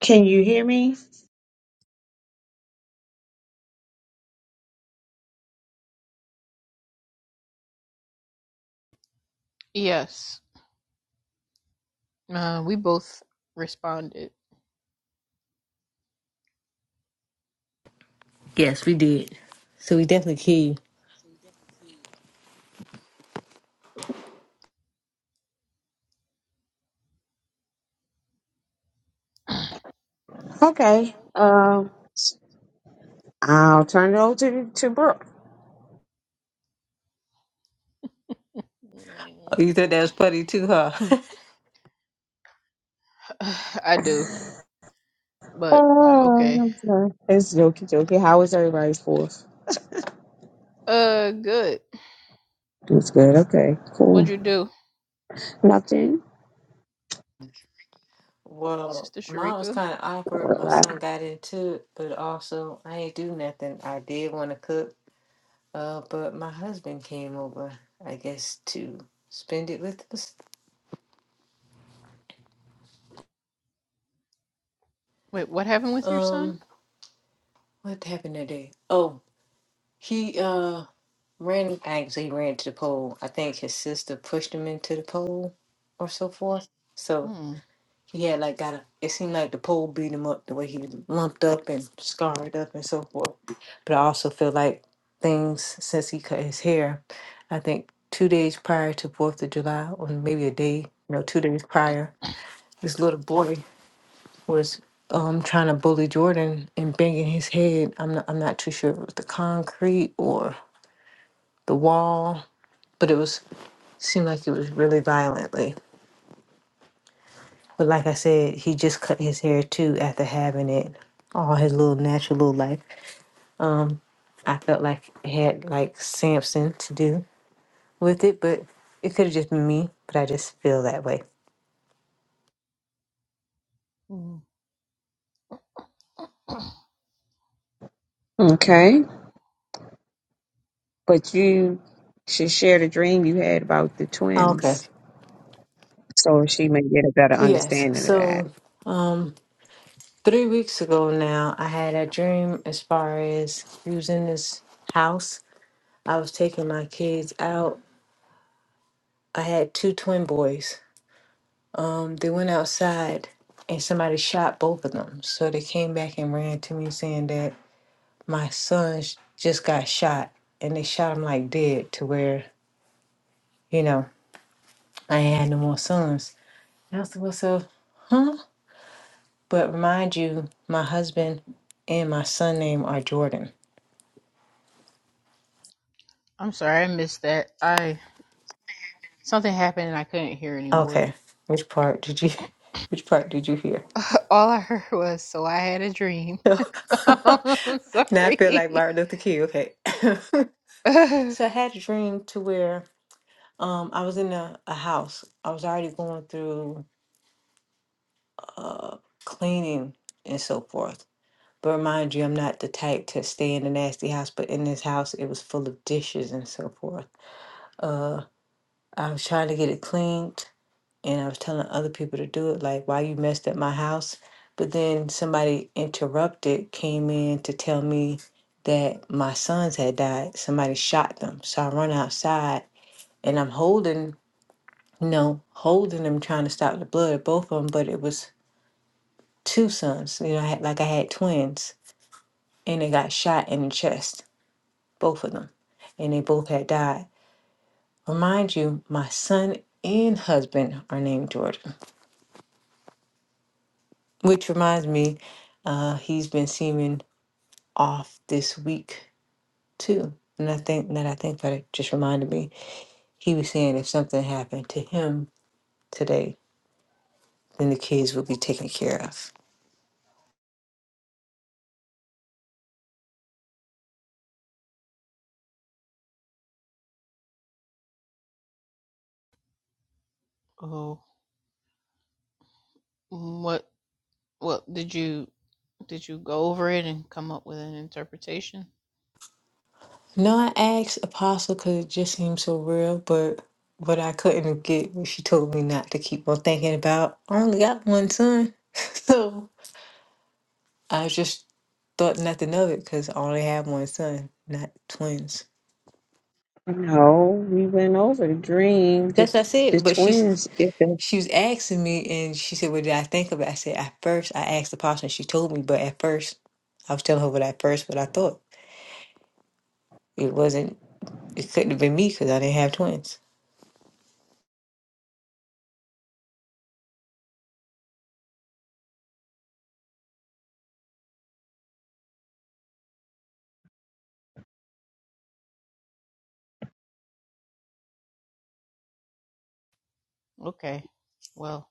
Can you hear me? Yes, uh, we both responded. Yes, we did. So we definitely killed Okay. Um, I'll turn it over to to Brooke. Oh, you thought that was funny too, huh? Mm, I do, but okay. Oh, okay. it's jokey jokey. How is everybody's fourth? Uh, good. It's good. Okay, What'd cool. you do, Nothing. Well, Sister mine was Sharika? kind of awkward. My son got into it, but also I ain't do nothing. I did want to cook, uh, but my husband came over, I guess, to spend it with us. Wait, what happened with your son? Um, what happened today? Oh, he uh ran. I actually ran to the pole. I think his sister pushed him into the pole, or so forth. So. Hmm. Yeah, like got a, it seemed like the pole beat him up the way he was lumped up and scarred up and so forth. But I also feel like things since he cut his hair, I think two days prior to Fourth of July, or maybe a day, no, two days prior, this little boy was um trying to bully Jordan and banging his head. I'm not I'm not too sure if it was the concrete or the wall, but it was seemed like it was really violently. But like I said, he just cut his hair too after having it all his little natural little life. Um, I felt like it had like Samson to do with it, but it could have just been me. But I just feel that way. Hmm. Okay, but you should share the dream you had about the Okay. twins, so she may get a better Yes. understanding of that. So, um, three weeks ago now, I had a dream as far as using this house. I was taking my kids out. I had two twin boys Um, they went outside and somebody shot both of them. So they came back and ran to me saying that my son sh- just got shot and they shot him like dead to where, you know, I ain't had no more sons. And I was like, well, so, huh? But mind you, my husband and my son name are Jordan. I'm sorry, I missed that. I something happened and I couldn't hear anymore. Okay. Which part did you, which part did you hear? All I heard was, "So I had a dream." I'm now I feel like sorry. Martin Luther King. Okay. so I had a dream to where Um, I was in a, a house. I was already going through uh, cleaning and so forth. But mind you, I'm not the type to stay in a nasty house. But in this house, it was full of dishes and so forth. Uh, I was trying to get it cleaned, and I was telling other people to do it. Like, why you messed up my house? But then somebody interrupted, came in to tell me that my sons had died. Somebody shot them. So I run outside, and I'm holding you know, holding them, trying to stop the blood, both of them. But it was two sons. You know, I had, like I had twins, and they got shot in the chest, both of them, and they both had died. Remind you, my son and husband are named Jordan, which reminds me, uh, he's been seeming off this week too. And I think that I think that it just reminded me, he was saying if something happened to him today, then the kids would be taken care of. oh, what? What did you? Did you go over it and come up with an interpretation? No, I asked Apostle because it just seemed so real, but but I couldn't get what she told me not to keep on thinking about. I only got one son, so I just thought nothing of it because I only have one son, not twins. No, we went over the dream. The That's what I the said. But she's twins. If the, she was asking me, and she said, "What did I think about?" it?" I said, "At first, I asked Apostle, and she told me, but at first, I was telling her what at first, what I thought it wasn't. It couldn't have been me because I didn't have twins." Okay. Well,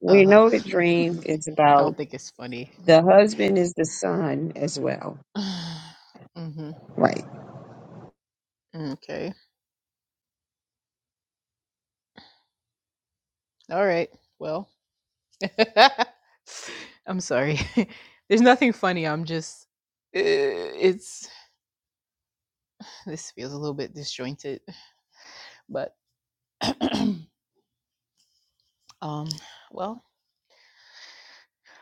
we uh, know the I dream is don't about think it's funny. the husband is the son as well, hmm right? Okay. All right. Well, I'm sorry. There's nothing funny. I'm just, uh, it's, this feels a little bit disjointed, but, um, well,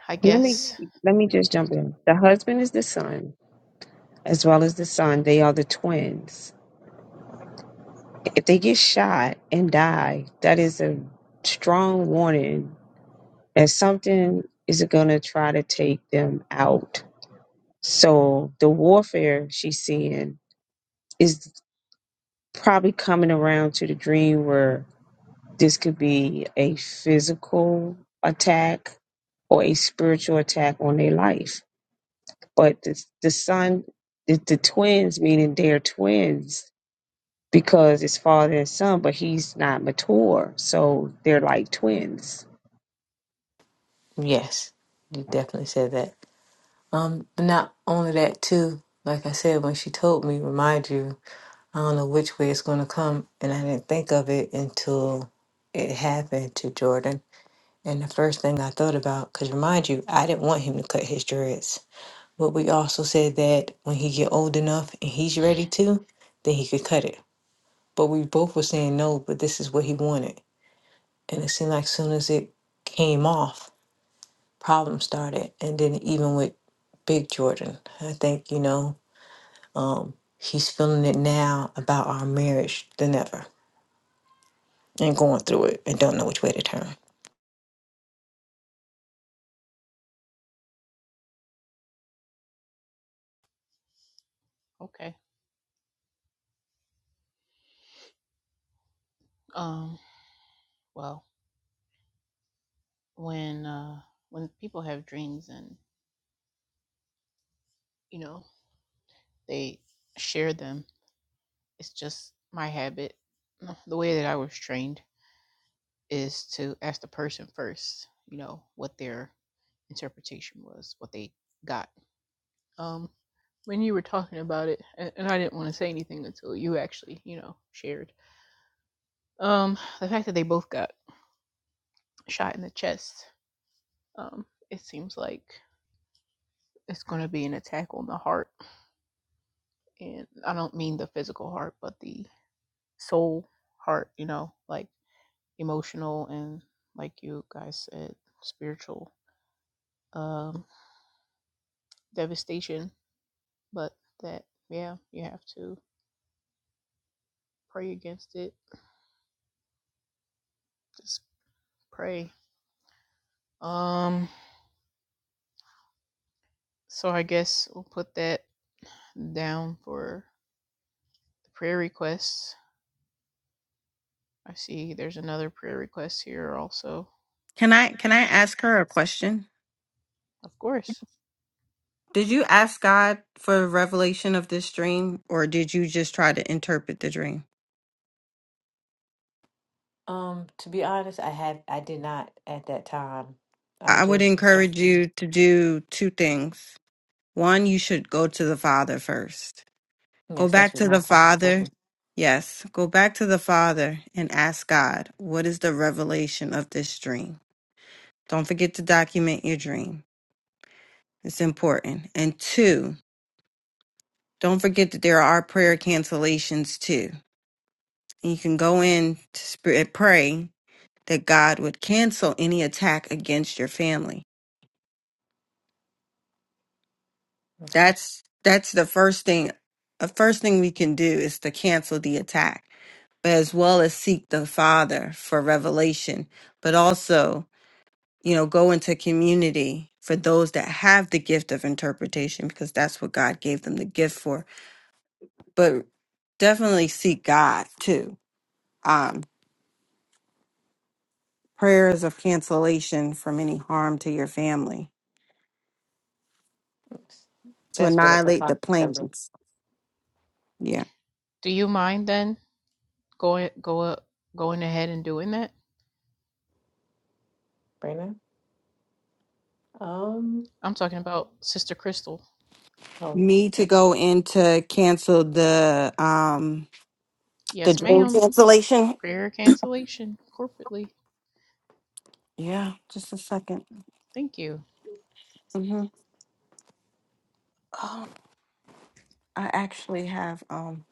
I Let me guess, let me just jump in. The husband is the son, as well as the son. They are the twins. If they get shot and die, that is a strong warning that something is going to try to take them out. So the warfare she's seeing is probably coming around to the dream where this could be a physical attack or a spiritual attack on their life but the, the son, the, the twins, meaning they're twins because it's father and son, but he's not mature, so they're like twins. Yes, you definitely said that. Um, but not only that too, like I said, when she told me, remind you, I don't know which way it's gonna come, and I didn't think of it until it happened to Jordan. And the first thing I thought about, because remind you, I didn't want him to cut his dreads. But we also said that when he get old enough and he's ready to, then he could cut it. But we both were saying no, but this is what he wanted. And it seemed like soon as it came off, problems started. And then even with Big Jordan, I think, you know, Um, he's feeling it now about our marriage than ever and going through it and don't know which way to turn. okay. Um. well when uh when people have dreams and you know they share them it's just my habit uh, the way that i was trained is to ask the person first you know what their interpretation was what they got um when you were talking about it and, and i didn't want to say anything until you actually you know shared um the fact that they both got shot in the chest um it seems like it's going to be an attack on the heart and i don't mean the physical heart but the soul, heart, you know, like emotional and like you guys said, spiritual um devastation. But that yeah, you have to pray against it. Just pray. Um so I guess we'll put that down for the prayer requests. I see there's another prayer request here also. Can I can I ask her a question? Of course. Did you ask God for revelation of this dream or did you just try to interpret the dream? Um, to be honest, I had I did not at that time. I I would just encourage you to do two things. One, you should go to the Father first. Go yes, that's back what to my the apostle told Father. me. Yes, go back to the Father and ask God, what is the revelation of this dream? Don't forget to document your dream. It's important. And two, don't forget that there are prayer cancellations too. And you can go in to spirit pray that God would cancel any attack against your family. Okay. That's that's the first thing the first thing we can do is to cancel the attack, but as well as seek the Father for revelation, but also, you know, go into community for those that have the gift of interpretation because that's what God gave them the gift for. But definitely seek God too. Um prayers of cancellation from any harm to your family to That's what the annihilate the apostle told me. plans. Yeah. Do you mind then going go up, going ahead and doing that? Brandon? Um I'm talking about Sister Crystal. oh. Me to go in to cancel the um the Yes, dream ma'am. cancellation. Prayer cancellation corporately. Yeah, just a 2nd Thank you. Mm-hmm. Oh, I actually have um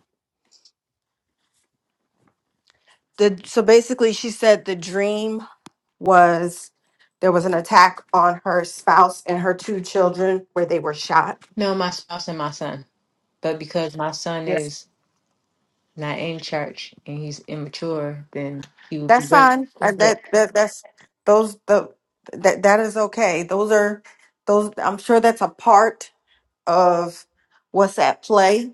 the so basically she said the dream was there was an attack on her spouse and her two children where they were shot. No, my spouse and my son. But because my son Yes. is not in church and he's immature, then he would be That's better. fine. Uh, Yeah. that that that's those the that that is okay. Those are those I'm sure that's a part. of what's at play,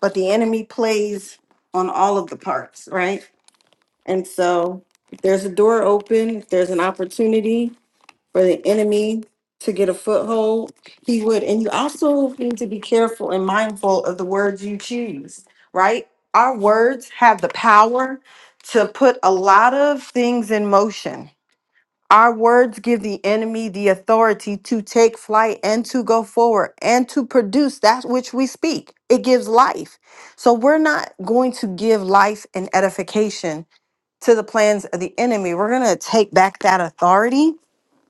but the enemy plays on all of the parts, right? And so if there's a door open, if there's an opportunity for the enemy to get a foothold, he would. And you also need to be careful and mindful of the words you choose, right? Our words have the power to put a lot of things in motion our words give the enemy the authority to take flight and to go forward and to produce that which we speak. It gives life. So we're not going to give life and edification to the plans of the enemy. We're going to take back that authority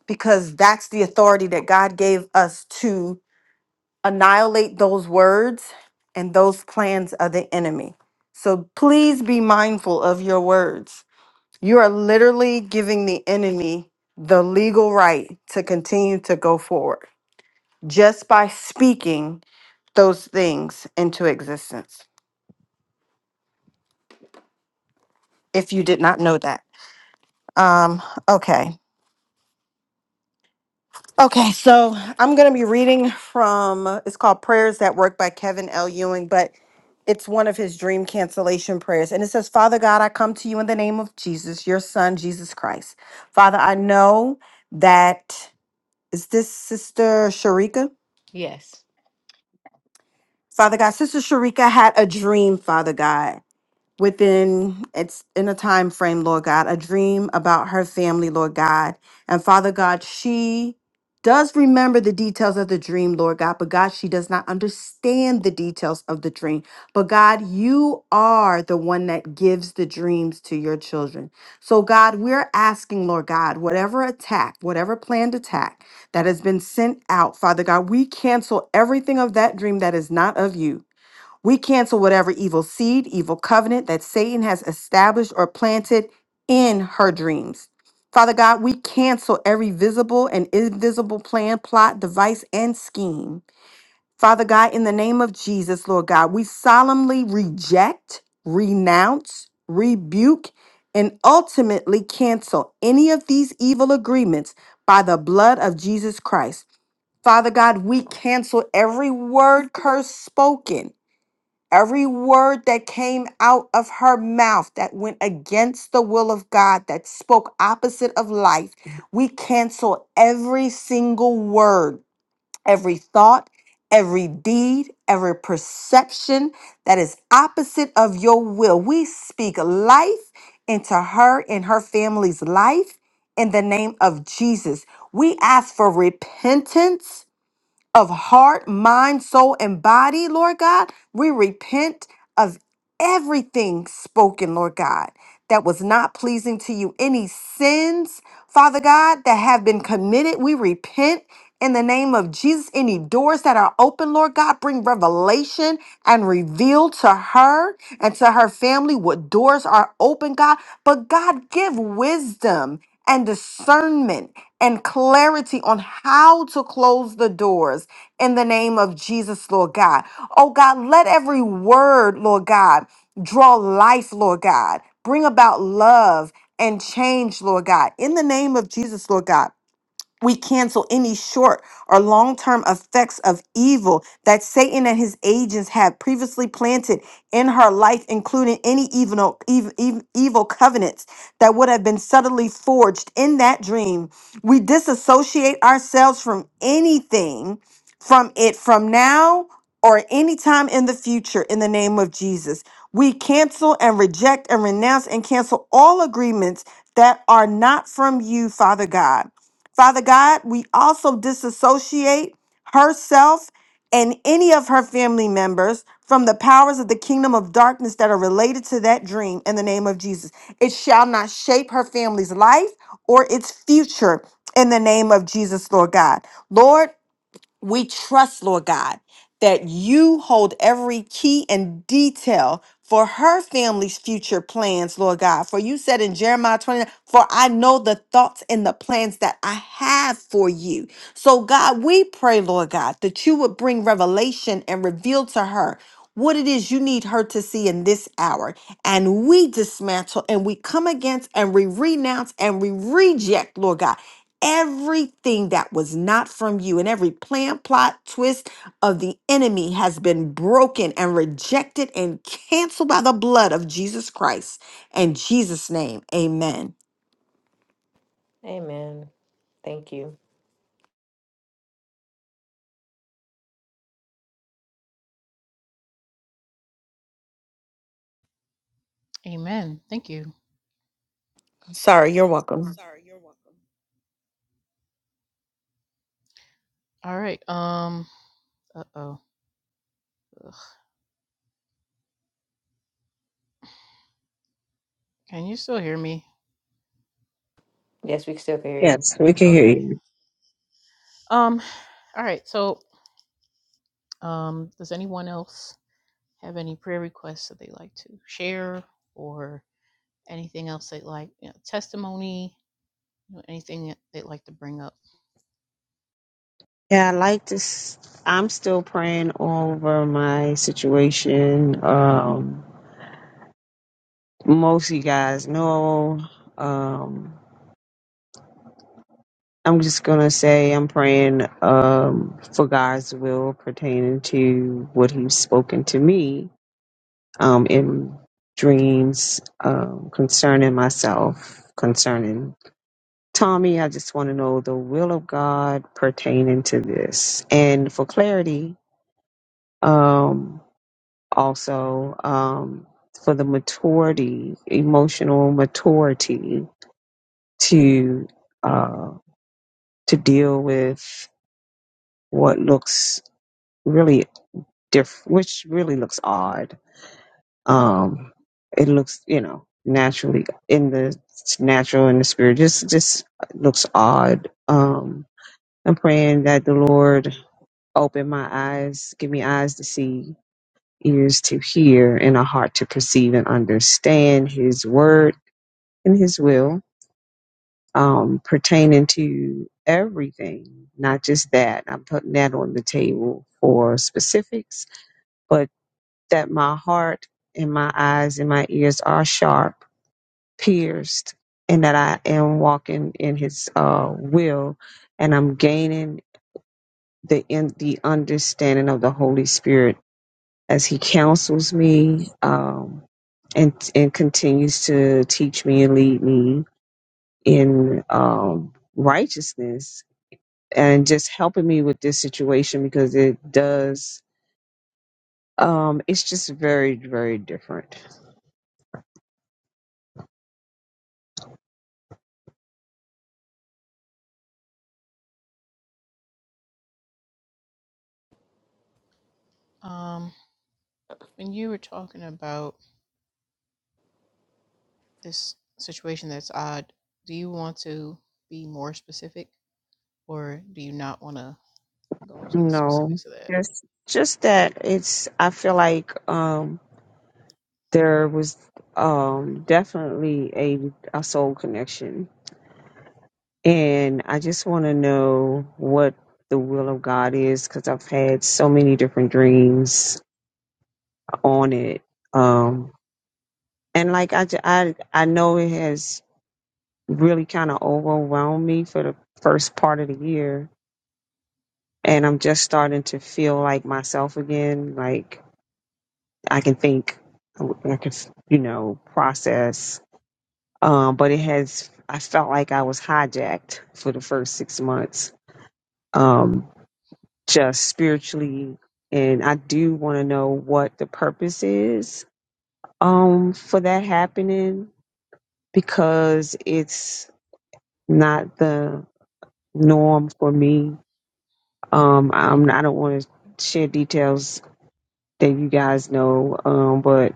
because that's the authority that God gave us to annihilate those words and those plans of the enemy. So please be mindful of your words. You are literally giving the enemy the legal right to continue to go forward just by speaking those things into existence. If you did not know that. Um, okay. Okay, so I'm going to be reading from it's called Prayers That Work by Kevin L. Ewing, but it's one of his dream cancellation prayers. And it says, Father God, I come to you in the name of Jesus, your son, Jesus Christ. Father, I know that is this sister Sharika? Yes. Father God, Sister Sharika had a dream, Father God within it's in a time frame lord god a dream about her family lord god and father god she does remember the details of the dream lord god but god she does not understand the details of the dream but god you are the one that gives the dreams to your children so god we're asking lord god whatever attack whatever planned attack that has been sent out father god we cancel everything of that dream that is not of you we cancel whatever evil seed, evil covenant that Satan has established or planted in her dreams. Father God, we cancel every visible and invisible plan, plot, device, and scheme. Father God, in the name of Jesus, Lord God, we solemnly reject, renounce, rebuke, and ultimately cancel any of these evil agreements by the blood of Jesus Christ. Father God, we cancel every word curse spoken Every word that came out of her mouth that went against the will of God, that spoke opposite of life, we cancel every single word, every thought, every deed, every perception that is opposite of your will. We speak life into her and her family's life in the name of Jesus. We ask for repentance of heart, mind, soul, and body, Lord God. We repent of everything spoken, Lord God, that was not pleasing to you. Any sins, Father God, that have been committed, we repent. In the name of Jesus, any doors that are open, Lord God, bring revelation and reveal to her and to her family what doors are open, God. But God, give wisdom and discernment and clarity on how to close the doors in the name of Jesus, Lord God. Oh God, let every word, Lord God, draw life, Lord God, bring about love and change, Lord God, in the name of Jesus, Lord God. We cancel any short or long term effects of evil that Satan and his agents had previously planted in her life, including any evil, ev- ev- evil covenants that would have been subtly forged in that dream. We disassociate ourselves from anything from it from now or any time in the future in the name of Jesus. We cancel and reject and renounce and cancel all agreements that are not from you, Father God. Father God, we also disassociate herself and any of her family members from the powers of the kingdom of darkness that are related to that dream in the name of Jesus. It shall not shape her family's life or its future in the name of Jesus, Lord God. Lord, we trust, Lord God, that you hold every key and detail for her family's future plans, Lord God. For you said in Jeremiah 29, for I know the thoughts and the plans that I have for you. So, God, we pray, Lord God, that you would bring revelation and reveal to her what it is you need her to see in this hour. And we dismantle and we come against and we renounce and we reject, Lord God, Everything that was not from you and every plan, plot, twist of the enemy has been broken and rejected and canceled by the blood of Jesus Christ. In Jesus' name, amen. Amen. Thank you. Amen. Thank you. Sorry, you're welcome. All right. Um. Uh oh. Can you still hear me? Yes, we can still hear you. Yes, we can hear Okay. you. Um. All right. So, um, does anyone else have any prayer requests that they like to share, or anything else they like, you know, testimony, you know, anything that they'd like to bring up? Yeah, I like this. I'm still praying over my situation. Um, most of you guys know. Um, I'm just gonna say I'm praying um, for God's will pertaining to what He's spoken to me um, in dreams um, concerning myself, concerning Tommy. I just want to know the will of God pertaining to this, and for clarity, um, also um, for the maturity, emotional maturity to uh, to deal with what looks really diff- which really looks odd. Um, it looks, you know, naturally in the natural and the spirit, just just looks odd. Um, I'm praying that the Lord open my eyes, give me eyes to see, ears to hear, and a heart to perceive and understand His word and His will um, pertaining to everything, not just that. I'm putting that on the table for specifics but that my heart and my eyes and my ears are sharp, pierced, and that I am walking in His uh, will, and I'm gaining the in, the understanding of the Holy Spirit as He counsels me um, and and continues to teach me and lead me in um, righteousness and just helping me with this situation because it does um it's just very very different Um. When you were talking about this situation that's odd, do you want to be more specific, or do you not want to? go into the No, specifics of that. just just that it's. I feel like um there was um definitely a a soul connection, and I just want to know what the will of God is because I've had so many different dreams on it. Um, and like I, ju- I, I know it has really kind of overwhelmed me for the first part of the year, and I'm just starting to feel like myself again. Like I can think, I can, you know, process. Um, but it has. I felt like I was hijacked for the first six months, um, just spiritually, and I do want to know what the purpose is um, for that happening because it's not the norm for me. Um, I'm, I don't want to share details that you guys know, um, but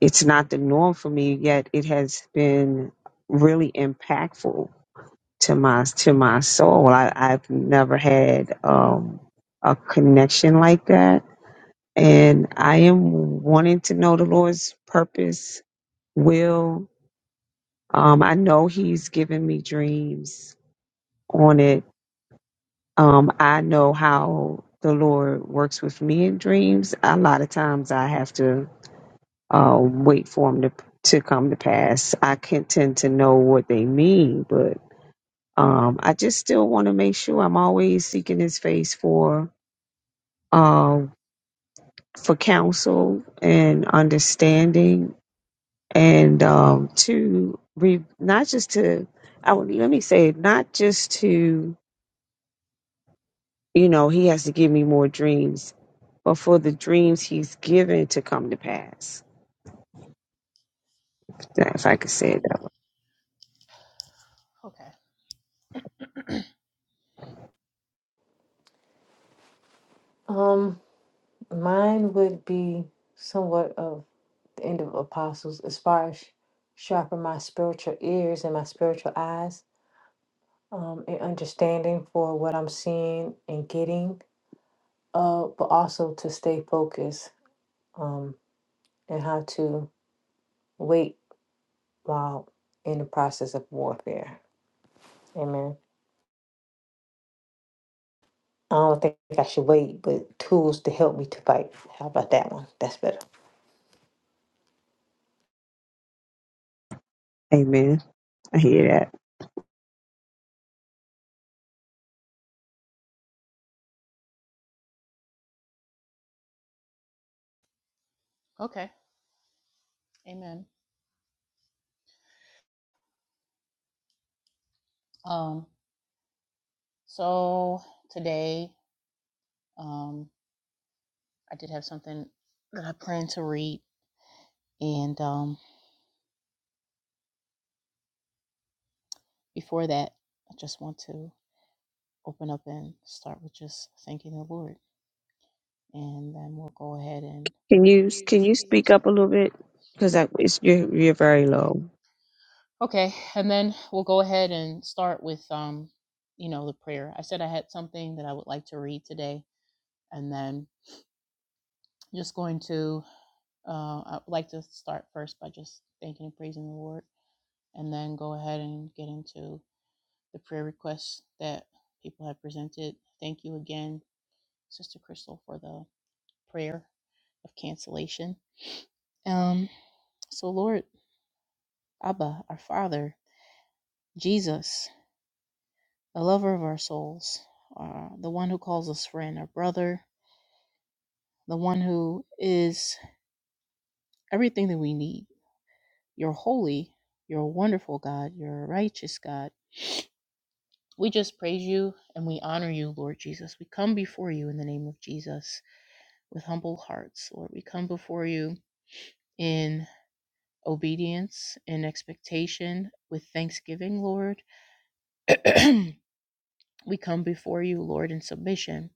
it's not the norm for me. Yet it has been really impactful to my to my soul. I, I've never had um, a connection like that, and I am wanting to know the Lord's purpose, will. Um, I know He's given me dreams on it Um, I know how the Lord works with me in dreams. A lot of times I have to uh, wait for them to, to come to pass. I can tend to know what they mean, but um, I just still want to make sure I'm always seeking His face for uh, for counsel and understanding, and um, to re- not just to I would let me say not just to You know, he has to give me more dreams, but for the dreams he's given to come to pass. Now, if I could say it though. Okay. Um Mine would be somewhat of the end of apostles as far as sharpen my spiritual ears and my spiritual eyes um, and understanding for what I'm seeing and getting, uh, but also to stay focused um, and how to wait while in the process of warfare. Amen. I don't think I should wait, but tools to help me to fight. How about that one? That's better. Amen. I hear that. Okay. Amen. Um, so today, um, I did have something that I plan to read. And um, before that, I just want to open up and start with just thanking the Lord. And then we'll go ahead and Can you can you speak up a little bit? Because it's you're you're very low. Okay, and then we'll go ahead and start with um, you know, the prayer. I said I had something that I would like to read today, and then just going to uh, I'd like to start first by just thanking and praising the Lord, and then go ahead and get into the prayer requests that people have presented. Thank you again, Sister Crystal, for the prayer of cancellation. Um, so Lord Abba, our Father, Jesus. the lover of our souls, uh, the one who calls us friend or brother, the one who is everything that we need. You're holy, you're a wonderful God, you're a righteous God. We just praise you and we honor you, Lord Jesus. We come before you in the name of Jesus with humble hearts, Lord. We come before you in obedience, in expectation, with thanksgiving, Lord. We come before you, Lord, in submission.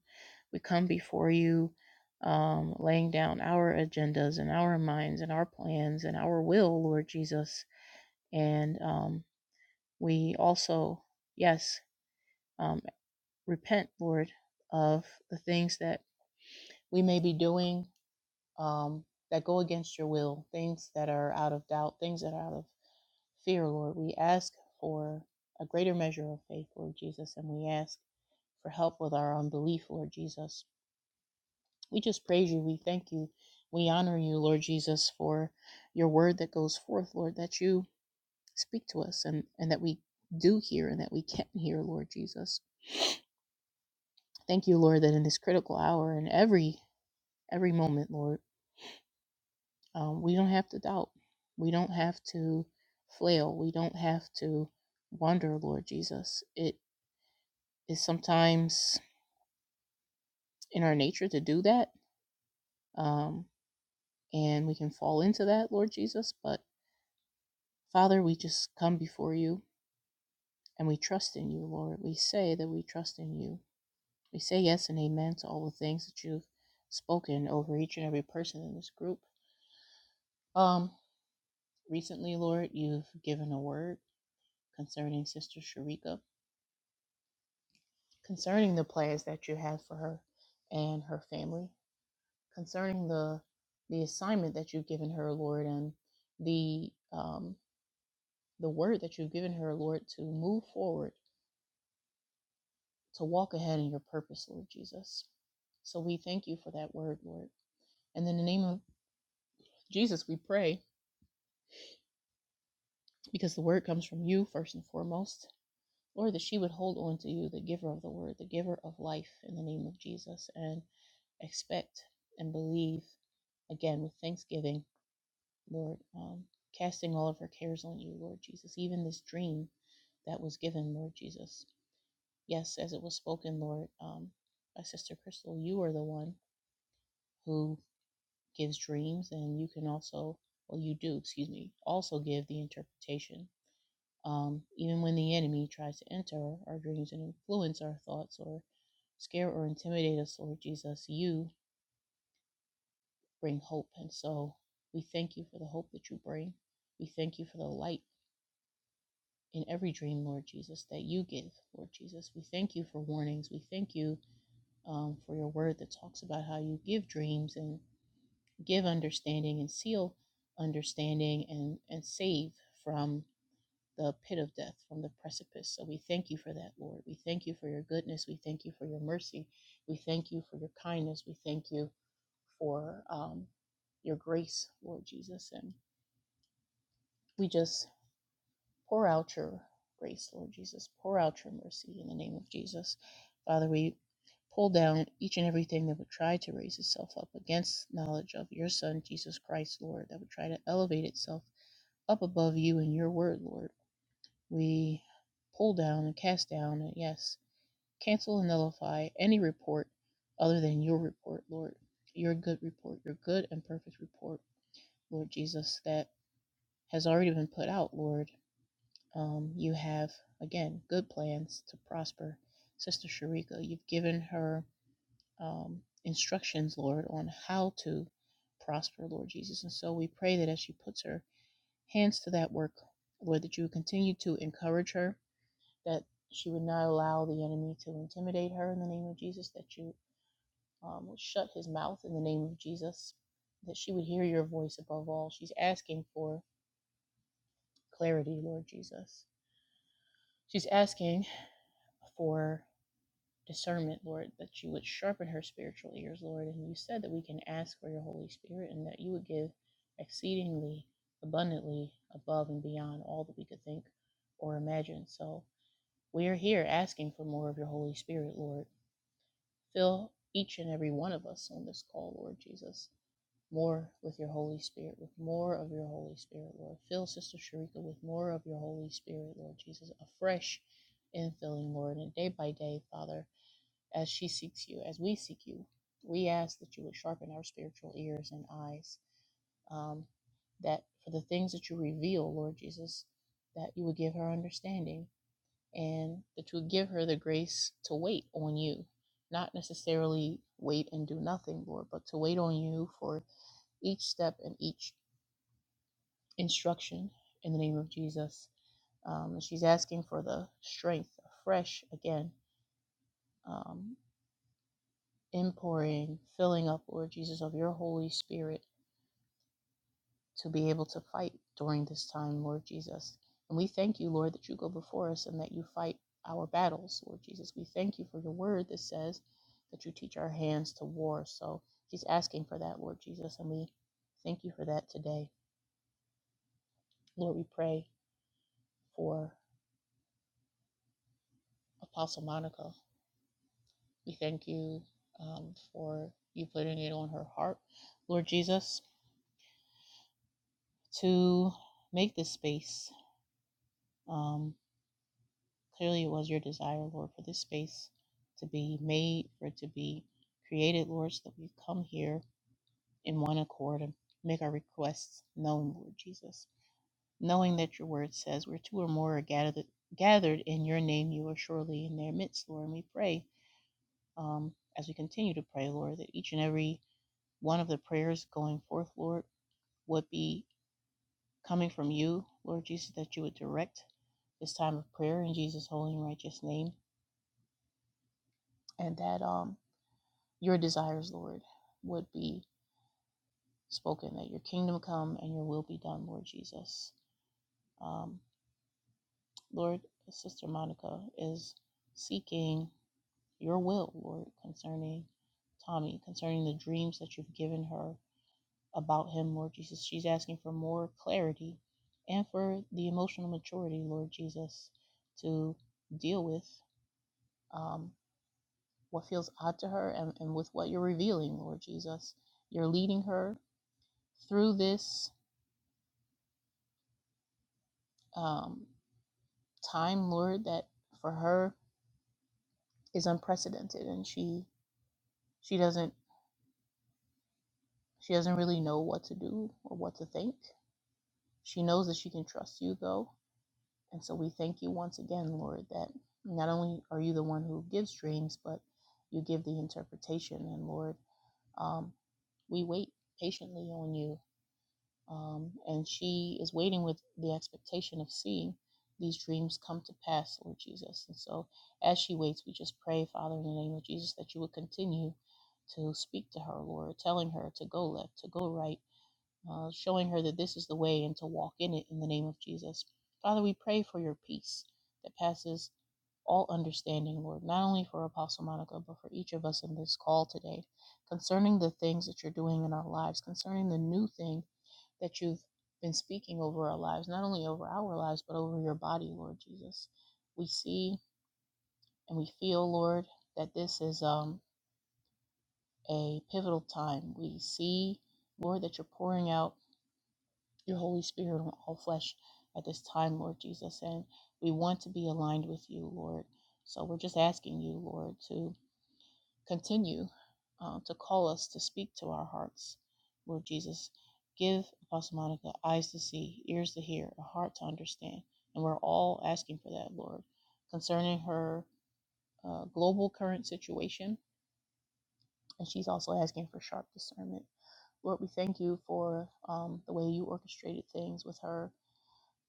We come before you um, laying down our agendas and our minds and our plans and our will, Lord Jesus. And um, we also, yes, um, repent, Lord, of the things that we may be doing um, that go against your will, things that are out of doubt, things that are out of fear, Lord. We ask for a greater measure of faith, Lord Jesus, and we ask for help with our unbelief, Lord Jesus. We just praise you. We thank you. We honor you, Lord Jesus, for your word that goes forth, Lord, that you speak to us and, and that we do hear and that we can hear, Lord Jesus. Thank you, Lord, that in this critical hour and every every moment, Lord, um, we don't have to doubt. We don't have to flail. We don't have to wonder, Lord Jesus. It is sometimes in our nature to do that, um, and we can fall into that, Lord Jesus. But Father, we just come before you and we trust in you, Lord. We say that we trust in you. We say yes and amen to all the things that you've spoken over each and every person in this group. Um, recently, Lord, you've given a word concerning Sister Sharika, concerning the plans that you have for her and her family, concerning the the assignment that you've given her, Lord, and the um, the word that you've given her, Lord, to move forward to walk ahead in your purpose, Lord Jesus. So we thank you for that word, Lord. And in the name of Jesus, we pray, because the word comes from you first and foremost, Lord, that she would hold on to you, the giver of the word, the giver of life, in the name of Jesus, and expect and believe again with thanksgiving, Lord, um, casting all of her cares on you, Lord Jesus, even this dream that was given, Lord Jesus. Yes, as it was spoken, Lord, um, by Sister Crystal, you are the one who gives dreams, and you can also, well, you do, excuse me, also give the interpretation. Um, even when the enemy tries to enter our dreams and influence our thoughts or scare or intimidate us, Lord Jesus, you bring hope. And so we thank you for the hope that you bring. We thank you for the light in every dream, Lord Jesus, that you give, Lord Jesus. We thank you for warnings. We thank you um, for your word that talks about how you give dreams and give understanding and seal understanding and, and save from the pit of death, from the precipice. So we thank you for that, Lord. We thank you for your goodness. We thank you for your mercy. We thank you for your kindness. We thank you for um, your grace, Lord Jesus. And we just Pour out your grace, Lord Jesus. Pour out your mercy in the name of Jesus. Father, we pull down each and everything that would try to raise itself up against knowledge of your Son, Jesus Christ, Lord, that would try to elevate itself up above you and your word, Lord. We pull down and cast down, and yes, cancel and nullify any report other than your report, Lord. Your good report, your good and perfect report, Lord Jesus, that has already been put out, Lord um, you have, again, good plans to prosper Sister Sharika. You've given her um, instructions, Lord, on how to prosper, Lord Jesus. And so we pray that as she puts her hands to that work, Lord, that you would continue to encourage her, that she would not allow the enemy to intimidate her in the name of Jesus, that you um, would shut his mouth in the name of Jesus, that she would hear your voice above all. She's asking for clarity, Lord Jesus. She's asking for discernment, Lord, that you would sharpen her spiritual ears, Lord. And you said that we can ask for your Holy Spirit and that you would give exceedingly abundantly above and beyond all that we could think or imagine. So we are here asking for more of your Holy Spirit, Lord. Fill each and every one of us on this call, Lord Jesus, more with your Holy Spirit, with more of your Holy Spirit, Lord. Fill Sister Sharika with more of your Holy Spirit, Lord Jesus, afresh infilling, Lord. And day by day, Father, as she seeks you, as we seek you. We ask that you would sharpen our spiritual ears and eyes, um, that for the things that you reveal, Lord Jesus, that you would give her understanding and that you would give her the grace to wait on you, not necessarily wait and do nothing, Lord, but to wait on you for each step and each instruction in the name of Jesus. Um, and she's asking for the strength afresh again um, Impouring, filling up, Lord Jesus, of your Holy Spirit to be able to fight during this time, Lord Jesus. And we thank you, Lord, that you go before us and that you fight our battles, Lord Jesus. We thank you for your word that says that you teach our hands to war. So she's asking for that, Lord Jesus, and we thank you for that today. Lord, we pray for Apostle Monica. We thank you um, for you putting it on her heart, Lord Jesus, to make this space. um, Clearly, it was your desire, Lord, for this space to be made, for it to be created, Lord, so that we come here in one accord and make our requests known, Lord Jesus. Knowing that your word says, where two or more are gathered, gathered in your name, you are surely in their midst, Lord. And we pray um, as we continue to pray, Lord, that each and every one of the prayers going forth, Lord, would be coming from you, Lord Jesus, that you would direct this time of prayer in Jesus' holy and righteous name. And that um, your desires, Lord, would be spoken, that your kingdom come and your will be done, Lord Jesus. Um, Lord, Sister Monica is seeking your will, Lord, concerning Tommy, concerning the dreams that you've given her about him, Lord Jesus. She's asking for more clarity and for the emotional maturity, Lord Jesus, to deal with um, what feels odd to her and, and with what you're revealing, Lord Jesus. You're leading her through this um, time lord that for her is unprecedented and she she doesn't she doesn't really know what to do or what to think she knows that she can trust you though and so we thank you once again lord that not only are you the one who gives dreams but you give the interpretation and lord um, we wait patiently on you um, and she is waiting with the expectation of seeing these dreams come to pass, Lord Jesus. And so, as she waits, we just pray, Father, in the name of Jesus, that you would continue to speak to her, Lord, telling her to go left, to go right, uh, showing her that this is the way and to walk in it in the name of Jesus. Father, we pray for your peace that passes all understanding, Lord, not only for Apostle Monica, but for each of us in this call today, concerning the things that you're doing in our lives, concerning the new thing that you've been speaking over our lives, not only over our lives, but over your body, Lord Jesus. We see and we feel, Lord, that this is um, a pivotal time. We see, Lord, that you're pouring out your Holy Spirit on all flesh at this time, Lord Jesus. And we want to be aligned with you, Lord. So we're just asking you, Lord, to continue uh, to call us to speak to our hearts, Lord Jesus. Give Apostle Monica eyes to see, ears to hear, a heart to understand. And we're all asking for that, Lord, concerning her uh, global current situation. And she's also asking for sharp discernment. Lord, we thank you for um, the way you orchestrated things with her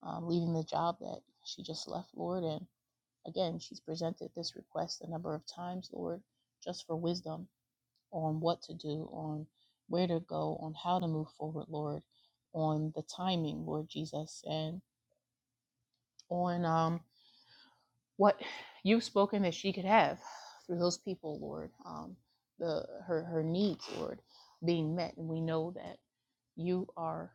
um, leaving the job that she just left, Lord. And again, she's presented this request a number of times, Lord, just for wisdom on what to do, on where to go, on how to move forward, Lord, on the timing, Lord Jesus, and on um, what you've spoken that she could have through those people, Lord. Um, the her her needs, Lord, being met, and we know that you are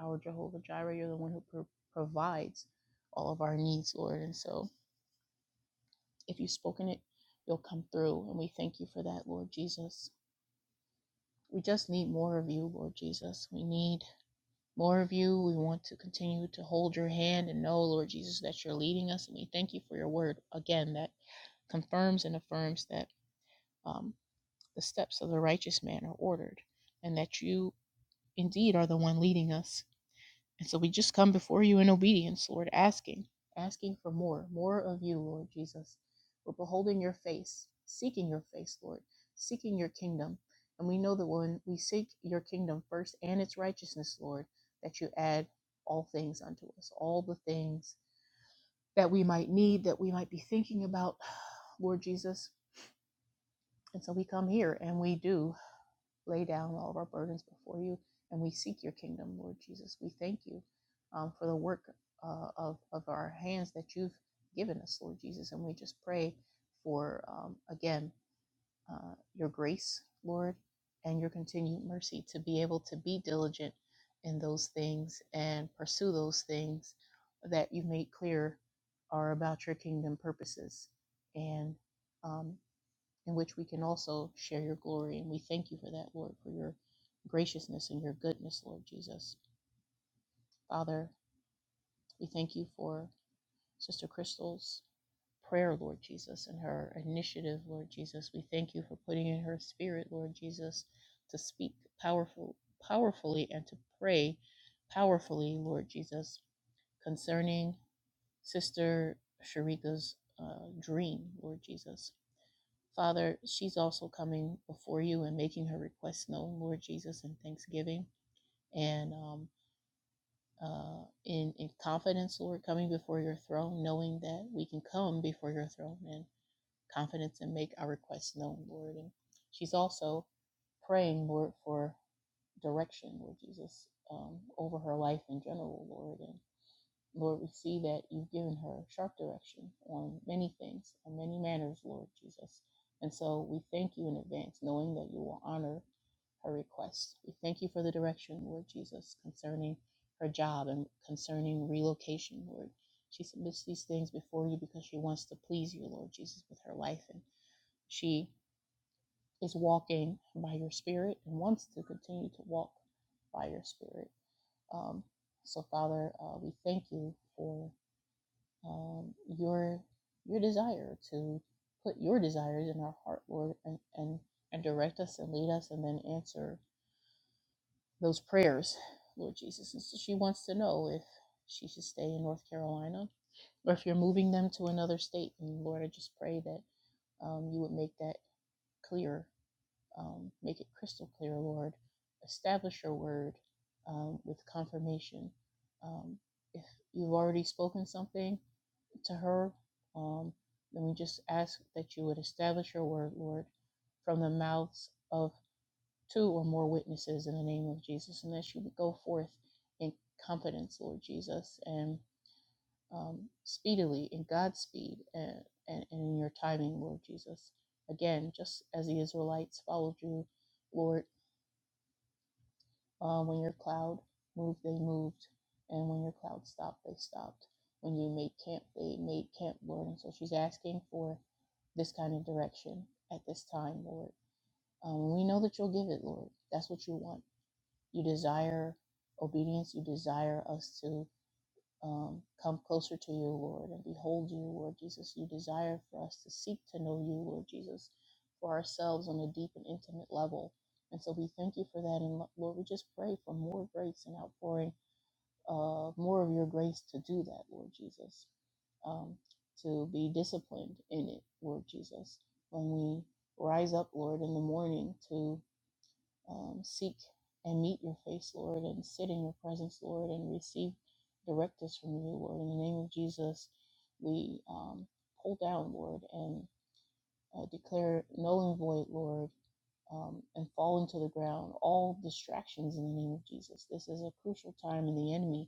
our Jehovah Jireh. You're the one who pro- provides all of our needs, Lord. And so, if you've spoken it, you'll come through, and we thank you for that, Lord Jesus. We just need more of you, Lord Jesus. We need more of you. We want to continue to hold your hand and know, Lord Jesus, that you're leading us. And we thank you for your word again that confirms and affirms that um, the steps of the righteous man are ordered and that you indeed are the one leading us and so we just come before you in obedience, Lord, asking, asking for more, more of you, Lord Jesus. We're beholding your face, seeking your face, Lord, seeking your kingdom. And we know that when we seek your kingdom first and its righteousness, Lord, that you add all things unto us, all the things that we might need, that we might be thinking about, Lord Jesus. And so we come here and we do lay down all of our burdens before you, and we seek your kingdom, Lord Jesus. We thank you um, for the work uh, of, of our hands that you've given us, Lord Jesus. And we just pray for, um, again, uh, your grace, Lord, and your continued mercy to be able to be diligent in those things and pursue those things that you have made clear are about your kingdom purposes. And um, in which we can also share your glory. And we thank you for that, Lord, for your graciousness and your goodness, Lord Jesus. Father, we thank you for Sister Crystal's prayer, Lord Jesus, and her initiative, Lord Jesus. We thank you for putting in her spirit, Lord Jesus, to speak powerful, powerfully and to pray powerfully, Lord Jesus, concerning Sister Sharika's uh, dream, Lord Jesus. Father, she's also coming before you and making her request known, Lord Jesus, in thanksgiving and um, uh, in, in confidence, Lord, coming before your throne, knowing that we can come before your throne in confidence and make our request known, Lord. And she's also praying, Lord, for direction, Lord Jesus, um, over her life in general, Lord. and Lord, we see that you've given her sharp direction on many things, on many matters, Lord Jesus. And so we thank you in advance, knowing that you will honor her request. We thank you for the direction, Lord Jesus, concerning her job and concerning relocation, Lord. She submits these things before you because she wants to please you, Lord Jesus, with her life. And she is walking by your spirit and wants to continue to walk by your spirit. Um, so, Father, uh, we thank you for um, your your desire to put your desires in our heart, Lord, and, and and direct us and lead us, and then answer those prayers, Lord Jesus. And so she wants to know if she should stay in North Carolina or if you're moving them to another state. And Lord, I just pray that um, you would make that clear, um, make it crystal clear, Lord. Establish your word um, with confirmation. Um, if you've already spoken something to her. Um, and we just ask that you would establish your word, Lord, from the mouths of two or more witnesses in the name of Jesus, and that she would go forth in confidence, Lord Jesus, and um, speedily, in God's speed, and, and, and in your timing, Lord Jesus. Again, just as the Israelites followed you, Lord uh, when your cloud moved, they moved, and when your cloud stopped, they stopped. When you made camp, they made camp, Lord. And so she's asking for this kind of direction at this time, Lord. Um, we know that you'll give it, Lord. That's what you want. You desire obedience. You desire us to um, come closer to you, Lord, and behold you, Lord Jesus. You desire for us to seek to know you, Lord Jesus, for ourselves on a deep and intimate level. And so we thank you for that. And Lord, we just pray for more grace and outpouring, uh, more of your grace to do that, Lord Jesus, um, to be disciplined in it, Lord Jesus. When we rise up, Lord, in the morning to um, seek and meet your face, Lord, and sit in your presence, Lord, and receive directives from you, Lord. In the name of Jesus, we um, pull down, Lord, and uh, declare null and void, Lord, um, and fall into the ground all distractions in the name of Jesus. This is a crucial time in the enemy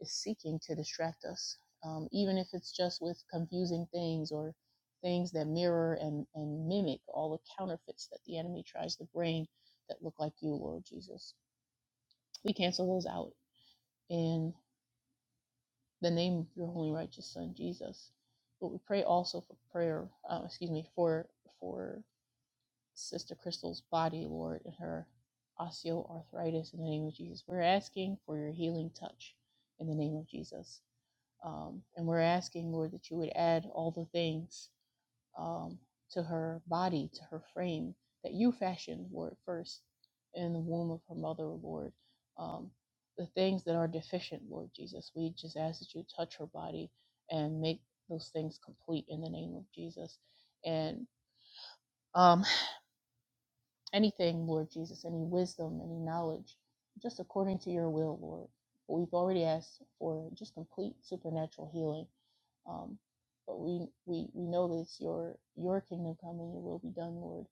is seeking to distract us, um, even if it's just with confusing things or things that mirror and, and mimic all the counterfeits that the enemy tries to bring that look like you, Lord Jesus. We cancel those out in the name of your holy righteous Son, Jesus. But we pray also for prayer, uh, excuse me, for for Sister Crystal's body, Lord, and her osteoarthritis in the name of Jesus. We're asking for your healing touch in the name of Jesus. Um, and we're asking, Lord, that you would add all the things um, to her body, to her frame, that you fashioned, Lord, first in the womb of her mother, Lord. Um, the things that are deficient, Lord Jesus, we just ask that you touch her body and make those things complete in the name of Jesus. And um, anything, Lord Jesus, any wisdom, any knowledge, just according to your will, Lord. But we've already asked for just complete supernatural healing. Um, but we, we we know that it's your your kingdom come and your will be done, Lord.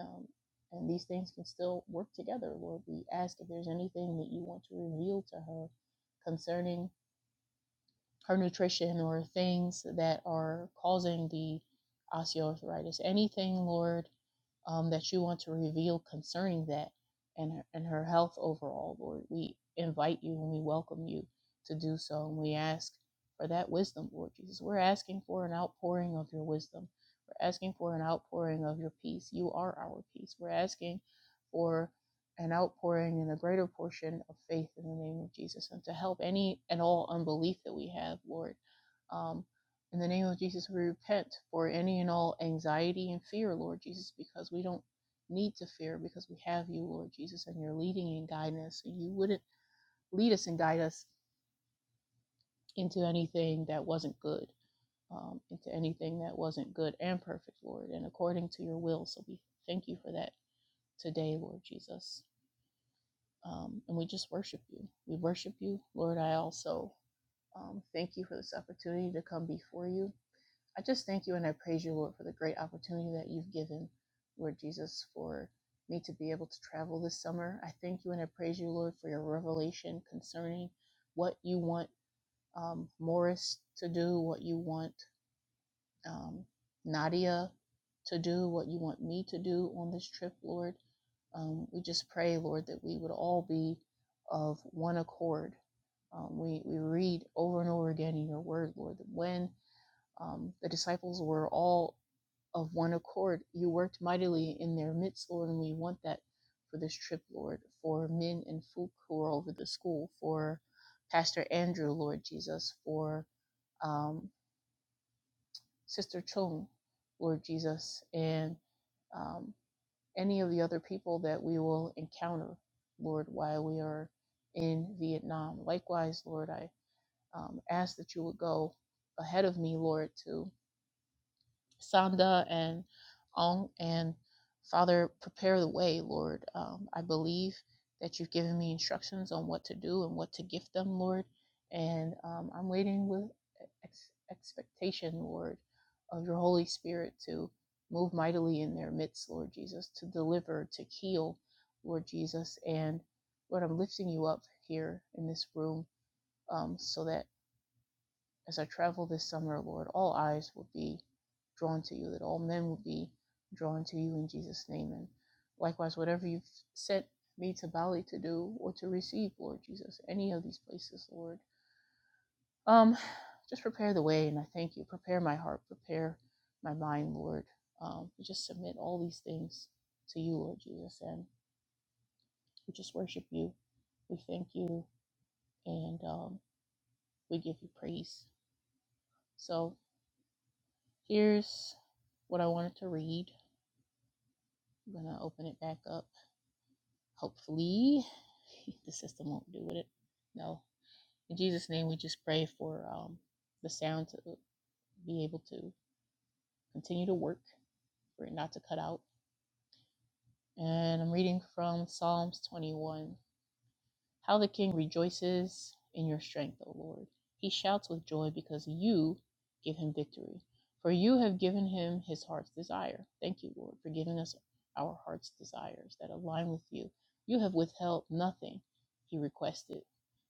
Um, and these things can still work together, Lord. We ask if there's anything that you want to reveal to her concerning her nutrition or things that are causing the osteoarthritis. Anything, Lord, um, that you want to reveal concerning that and her, and her health overall, Lord, we invite you and we welcome you to do so, and we ask for that wisdom, Lord Jesus. We're asking for an outpouring of your wisdom. We're asking for an outpouring of your peace. You are our peace. We're asking for an outpouring and a greater portion of faith in the name of Jesus and to help any and all unbelief that we have, Lord. Um, in the name of Jesus, we repent for any and all anxiety and fear, Lord Jesus, because we don't need to fear because we have you, Lord Jesus, and you're leading and guiding us. And you wouldn't lead us and guide us into anything that wasn't good, um, into anything that wasn't good and perfect, Lord, and according to your will. So we thank you for that today, Lord Jesus. um, and we just worship you. We worship you, Lord. I also um, thank you for this opportunity to come before you. I just thank you and I praise you, Lord, for the great opportunity that you've given, Lord Jesus, for me to be able to travel this summer. I thank you and I praise you, Lord, for your revelation concerning what you want um, Morris to do, what you want um, Nadia to do what you want me to do on this trip, Lord. Um, we just pray, Lord, that we would all be of one accord. Um, we, we read over and over again in your word, Lord, that when um, the disciples were all of one accord, you worked mightily in their midst, Lord, and we want that for this trip, Lord, for Min and Fook who are over the school, for Pastor Andrew, Lord Jesus, for um, Sister Chung, Lord Jesus, and um, any of the other people that we will encounter, Lord, while we are in Vietnam. Likewise, Lord, I um, ask that you would go ahead of me, Lord, too Sonda and Ong. And Father, prepare the way, Lord. Um, I believe that you've given me instructions on what to do and what to gift them, Lord. And um, I'm waiting with ex- expectation, Lord, of your Holy Spirit to move mightily in their midst, Lord Jesus, to deliver, to heal, Lord Jesus. And Lord, I'm lifting you up here in this room um, so that as I travel this summer, Lord, all eyes will be drawn to you, that all men will be drawn to you in Jesus' name. And likewise, whatever you've sent me to Bali to do or to receive, Lord Jesus, any of these places, Lord, um, just prepare the way. And I thank you. Prepare my heart, prepare my mind, Lord. Um, we just submit all these things to you, Lord Jesus, and we just worship you. We thank you and um, we give you praise. So Here's what I wanted to read. I'm going to open it back up. Hopefully, the system won't do with it. No. In Jesus' name, we just pray for um, the sound to be able to continue to work, for it not to cut out. And I'm reading from Psalms 21. How the king rejoices in your strength, O Lord. He shouts with joy because you give him victory. For you have given him his heart's desire. Thank you, Lord, for giving us our heart's desires that align with you. You have withheld nothing he requested.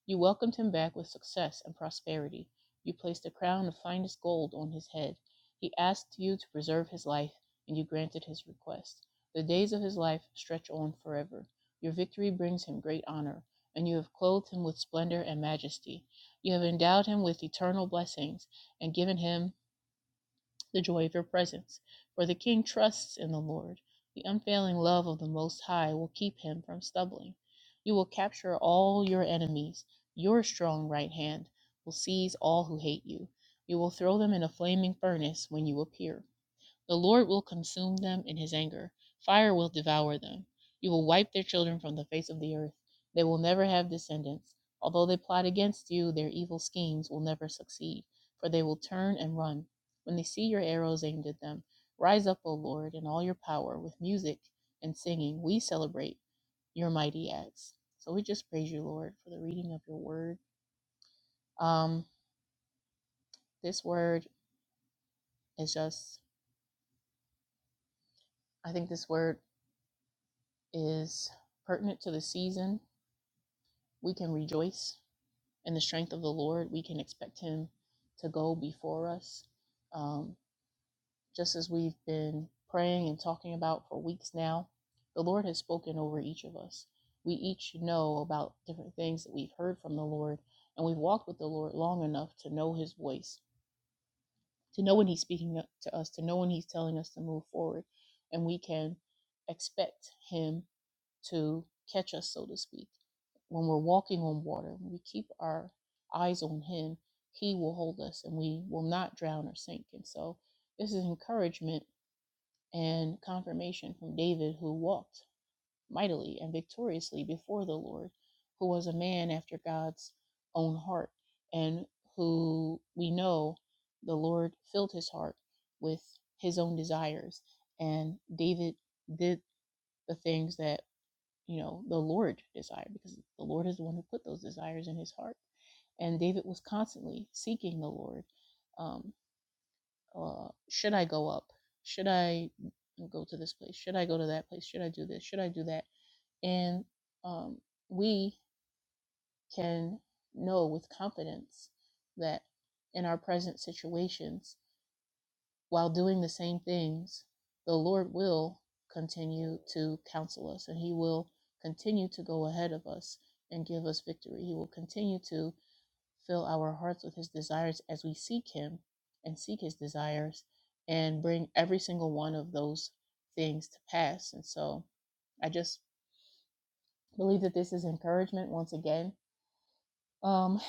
You welcomed him back with success and prosperity. You placed a crown of finest gold on his head. He asked you to preserve his life, and you granted his request. The days of his life stretch on forever. Your victory brings him great honor and you have clothed him with splendor and majesty. You have endowed him with eternal blessings and given him the joy of your presence. For the king trusts in the Lord. The unfailing love of the Most High will keep him from stumbling. You will capture all your enemies. Your strong right hand will seize all who hate you. You will throw them in a flaming furnace when you appear. The Lord will consume them in his anger. Fire will devour them. You will wipe their children from the face of the earth. They will never have descendants. Although they plot against you, their evil schemes will never succeed, for they will turn and run. When they see your arrows aimed at them, rise up, O Lord, in all your power, with music and singing. We celebrate your mighty acts. So we just praise you, Lord, for the reading of your word. Um, this word is just, I think this word is pertinent to the season We can rejoice in the strength of the Lord. We can expect Him to go before us. Um, just as we've been praying and talking about for weeks now, the Lord has spoken over each of us. We each know about different things that we've heard from the Lord, and we've walked with the Lord long enough to know His voice, to know when He's speaking to us, to know when He's telling us to move forward. And we can expect Him to catch us, so to speak. When we're walking on water, when we keep our eyes on Him, He will hold us and we will not drown or sink. And so, this is encouragement and confirmation from David, who walked mightily and victoriously before the Lord, who was a man after God's own heart, and who we know the Lord filled his heart with his own desires. And David did the things that you know the lord desire because the lord is the one who put those desires in his heart and david was constantly seeking the lord um, uh, should i go up should i go to this place should i go to that place should i do this should i do that and um, we can know with confidence that in our present situations while doing the same things, the Lord will continue to counsel us and He will continue to go ahead of us and give us victory. He will continue to fill our hearts with His desires as we seek Him and seek His desires and bring every single one of those things to pass. And so I just believe that this is encouragement once again um,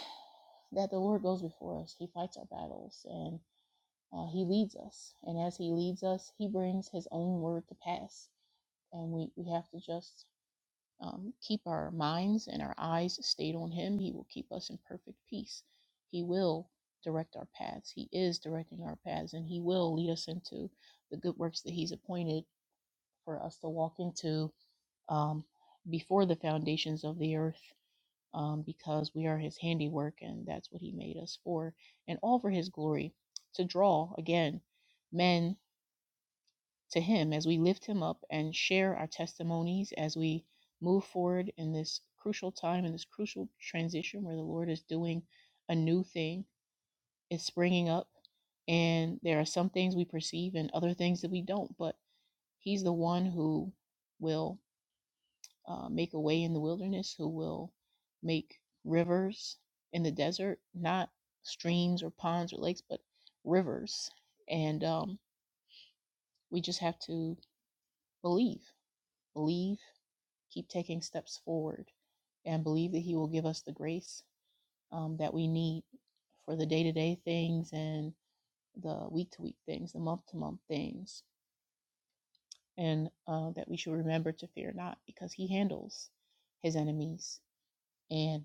that the Lord goes before us, He fights our battles. and. Uh, he leads us, and as he leads us, he brings his own word to pass. And we, we have to just um, keep our minds and our eyes stayed on him. He will keep us in perfect peace. He will direct our paths. He is directing our paths, and he will lead us into the good works that he's appointed for us to walk into um, before the foundations of the earth. Um, because we are his handiwork, and that's what he made us for, and all for his glory to draw again men to Him as we lift Him up and share our testimonies as we move forward in this crucial time, in this crucial transition where the Lord is doing a new thing. It's springing up, and there are some things we perceive and other things that we don't, but He's the one who will uh, make a way in the wilderness, who will make rivers in the desert, not streams or ponds or lakes, but rivers. And um, we just have to believe, believe keep taking steps forward and believe that He will give us the grace um, that we need for the day to day things and the week to week things, the month to month things, and uh, that we should remember to fear not because He handles His enemies. And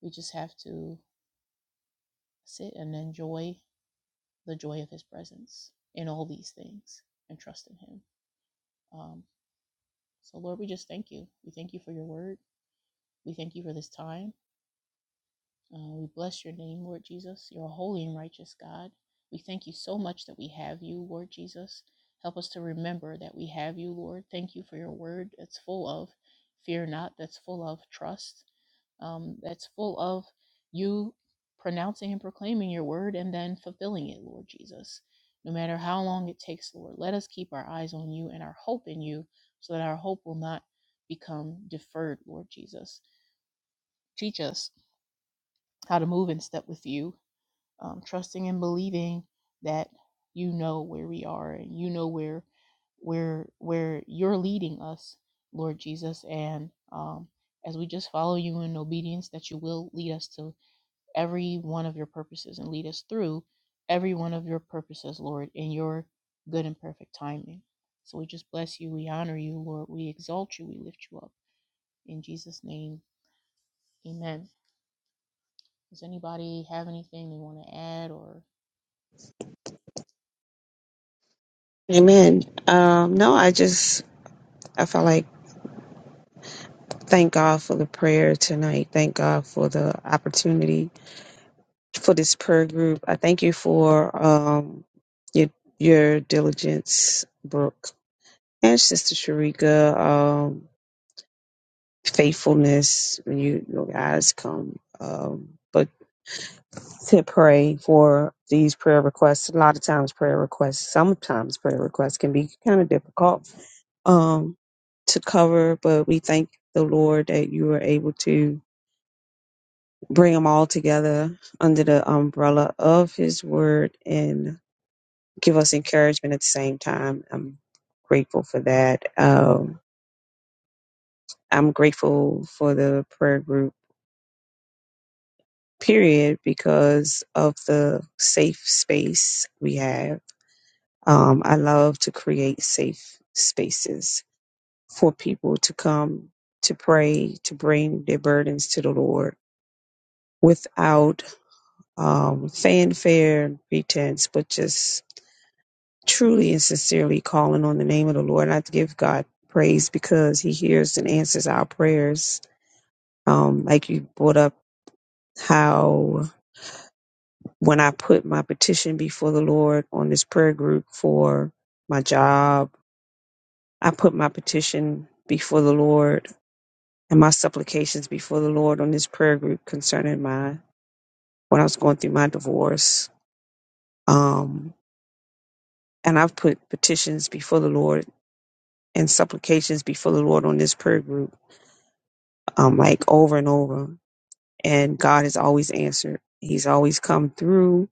we just have to sit and enjoy the joy of His presence in all these things and trust in Him. Um, so, Lord, we just thank you. We thank you for your word. We thank you for this time. Uh, we bless your name, Lord Jesus. You're a holy and righteous God. We thank you so much that we have you, Lord Jesus. Help us to remember that we have you, Lord. Thank you for your word that's full of fear not, that's full of trust, um, that's full of you pronouncing and proclaiming your word and then fulfilling it, Lord Jesus. No matter how long it takes, Lord, let us keep our eyes on you and our hope in you so that our hope will not become deferred, Lord Jesus. Teach us how to move in step with you um, trusting and believing that you know where we are and you know where where where you're leading us lord jesus and um, as we just follow you in obedience that you will lead us to every one of your purposes and lead us through every one of your purposes lord in your good and perfect timing so we just bless you we honor you lord we exalt you we lift you up in jesus name amen does anybody have anything they want to add or Amen. Um, no, I just I felt like thank God for the prayer tonight. Thank God for the opportunity for this prayer group. I thank you for um your your diligence, Brooke, and Sister Sharika. Um, faithfulness when you your guys come. Um, but to pray for these prayer requests, a lot of times prayer requests, sometimes prayer requests can be kind of difficult um, to cover. But we thank the Lord that you were able to bring them all together under the umbrella of His Word and give us encouragement at the same time. I'm grateful for that. Um, I'm grateful for the prayer group period because of the safe space we have. Um, I love to create safe spaces for people to come to pray, to bring their burdens to the Lord without um, fanfare and pretense, but just truly and sincerely calling on the name of the Lord. And I have to give God praise because He hears and answers our prayers. Um, like you brought up how when I put my petition before the Lord on this prayer group for my job, I put my petition before the Lord and my supplications before the Lord on this prayer group concerning my when I was going through my divorce. Um, and I've put petitions before the Lord and supplications before the Lord on this prayer group, um, like over and over. And God has always answered. He's always come through.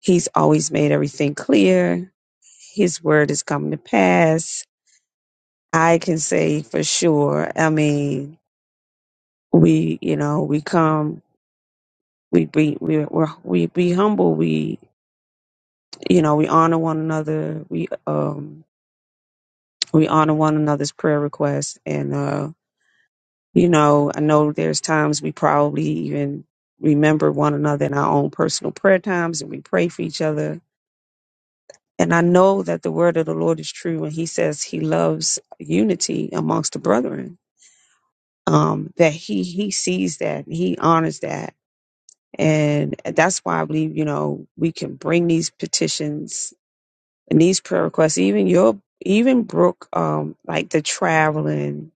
He's always made everything clear. His word has come to pass I can say for sure. I mean, we, you know, we come, we be, we we're, we be humble. We, you know, we honor one another. We, um, we honor one another's prayer requests, and uh, you know, I know there's times we probably even remember one another in our own personal prayer times, and we pray for each other. And I know that the word of the Lord is true when He says He loves unity amongst the brethren. Um, that He He sees that, and He honors that And that's why I believe, you know, we can bring these petitions and these prayer requests, even your, even Brooke, um, like the traveling,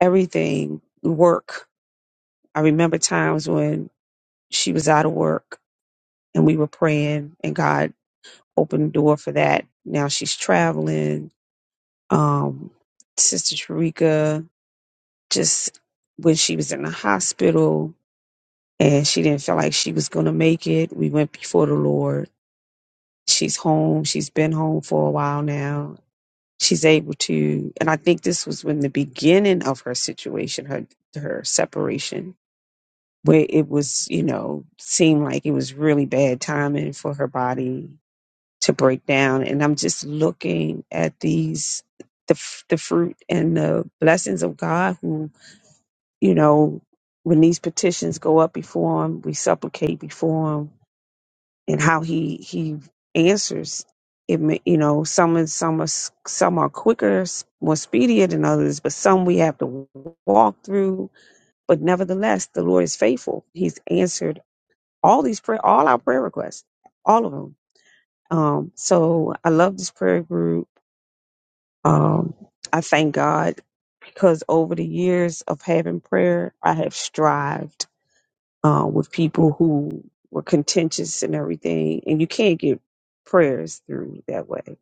everything, work. I remember times when she was out of work and we were praying and God opened the door for that. Now she's traveling. Um, Sister Sharika, just when she was in the hospital and she didn't feel like she was going to make it, we went before the Lord She's home. She's been home for a while now. She's able to, and I think this was when the beginning of her situation, her her separation, where it was, you know, seemed like it was really bad timing for her body to break down. And I'm just looking at these, the f- the fruit and the blessings of God, who, you know, when these petitions go up before Him, we supplicate before Him and how he he answers it may- you know some is- some are s- some are quicker s- more speedier than others but some we have to walk through but nevertheless the lord is faithful he's answered all these prayer all our prayer requests all of them um so i love this prayer group um i thank god because over the years of having prayer i have strived uh, with people who were contentious and everything, and you can't get prayers through that way.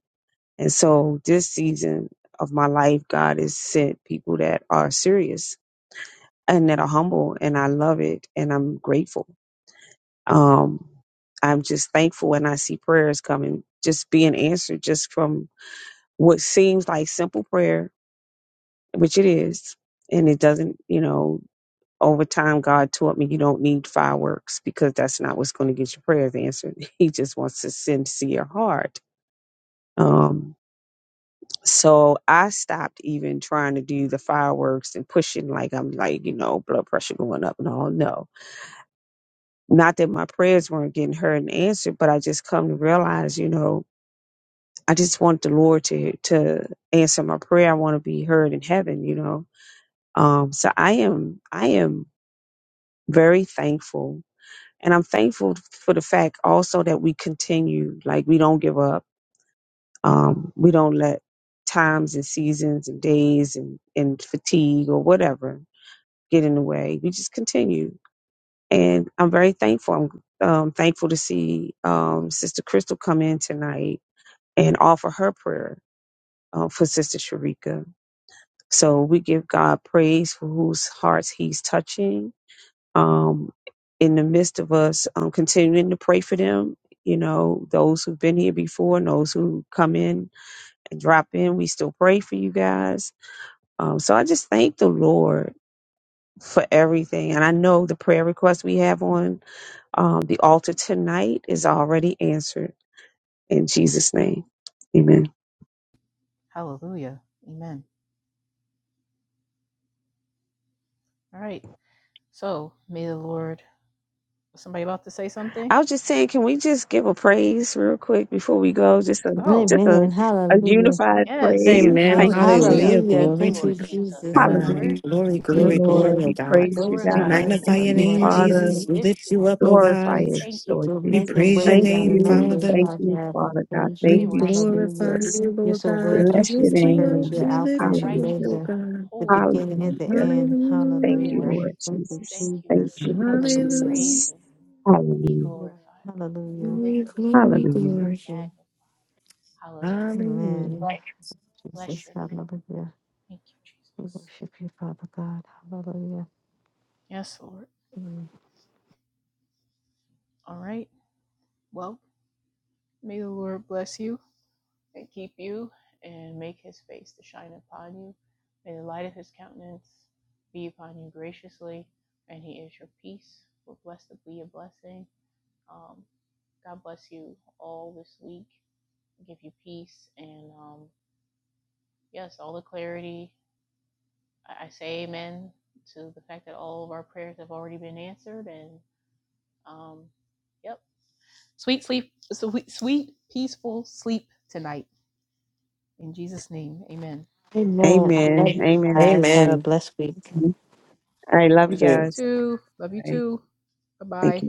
And so this season of my life, God has sent people that are serious and that are humble, and I love it, and I'm grateful. Um, I'm just thankful and I see prayers coming, just being answered, just from what seems like simple prayer, which it is, and it doesn't, you know. Over time, God taught me you don't need fireworks because that's not what's going to get your prayers answered. He just wants a sincere heart. Um, so I stopped even trying to do the fireworks and pushing like I'm like, you know, blood pressure going up and all. No, not that my prayers weren't getting heard and answered, but I just come to realize, you know, I just want the Lord to to answer my prayer. I want to be heard in heaven, you know. Um, so I am I am very thankful And I'm thankful for the fact also that we continue, like we don't give up. Um, we don't let times and seasons and days and, and fatigue or whatever get in the way. We just continue. And I'm very thankful. I'm um, thankful to see um, Sister Crystal come in tonight and offer her prayer uh, for Sister Sharika. So we give God praise for whose hearts he's touching um, in the midst of us um, continuing to pray for them. You know, those who've been here before and those who come in and drop in, we still pray for you guys. Um, so I just thank the Lord for everything. And I know the prayer request we have on um, the altar tonight is already answered in Jesus' name. Amen. hallelujah amen All right. So may the Lord. Was somebody about to say something? I was just saying, can we just give a praise real quick before we go? Just a Oh, just Amen. a, a Hallelujah. unified Hey, yes. praise. Yes. Thank you, Jesus. Hallelujah. Hallelujah. Thank you, Thank you, Lord Jesus. Jesus. We Hallelujah, glory, worship you. Lord. glory, Amen. oh We God. We praise Glory you, to We the glorify God. name you, of magnify Thank the Lord. your You're you, Lord. name, worthy. Father. Hallelujah. Jesus. We We lift lift you you up, up, oh Lord. We Glorify God. just it, thank you. Lord You're We Jesus. You're making praise your so ways Thank out good, name, of Lord no you. Jesus. way, Father. Thank Father We you, thank God. We you. Father God. praise Thank We We you. you, worship you, glorify Hallelujah. Lord. Jesus. you, You're Lord so Holy God. worthy We God, Bless to your lift be you name, mighty praised. up. God. You're Lord. We Alpha lift and you up, Hallelujah. Righteous oh Omega, God, God. the holy God, beginning and the Lord Hallelujah. Jesus. end. Thank We Hallelujah. you, Hallelujah. worship Lord you. Thank We you, Jesus. thank you, Thank Lord Jesus. you, Lord Jesus. We Hallelujah. praise Hallelujah. Jesus. you, Lord. Be Hallelujah. Hallelujah. glorified, Lord. Be Hallelujah. Glory, lifted, Lord glory, Jesus. Hallelujah. Be Thank glory. you. magnified. Hallelujah. Amen. Hallelujah. Bless Jesus. your name. Hallelujah. Thank you, We Jesus. worship you, Father God. Hallelujah. Yes, Lord. All right. Well, may the Lord bless you and keep you and make his face to shine upon you. May the light of his countenance be upon you graciously, and he is your peace. We're blessed to be a blessing. Um, God bless you all this week. Give you peace and um, yes, all the clarity. I, I say amen to the fact that all of our prayers have already been answered. And um, yep. Sweet sleep, sweet, sweet, peaceful sleep tonight. In Jesus' name, amen. Amen. I love Amen. you Amen. guys. Have a Amen. blessed week. I love you You guys. too. Love you Thank too. Bye you. bye.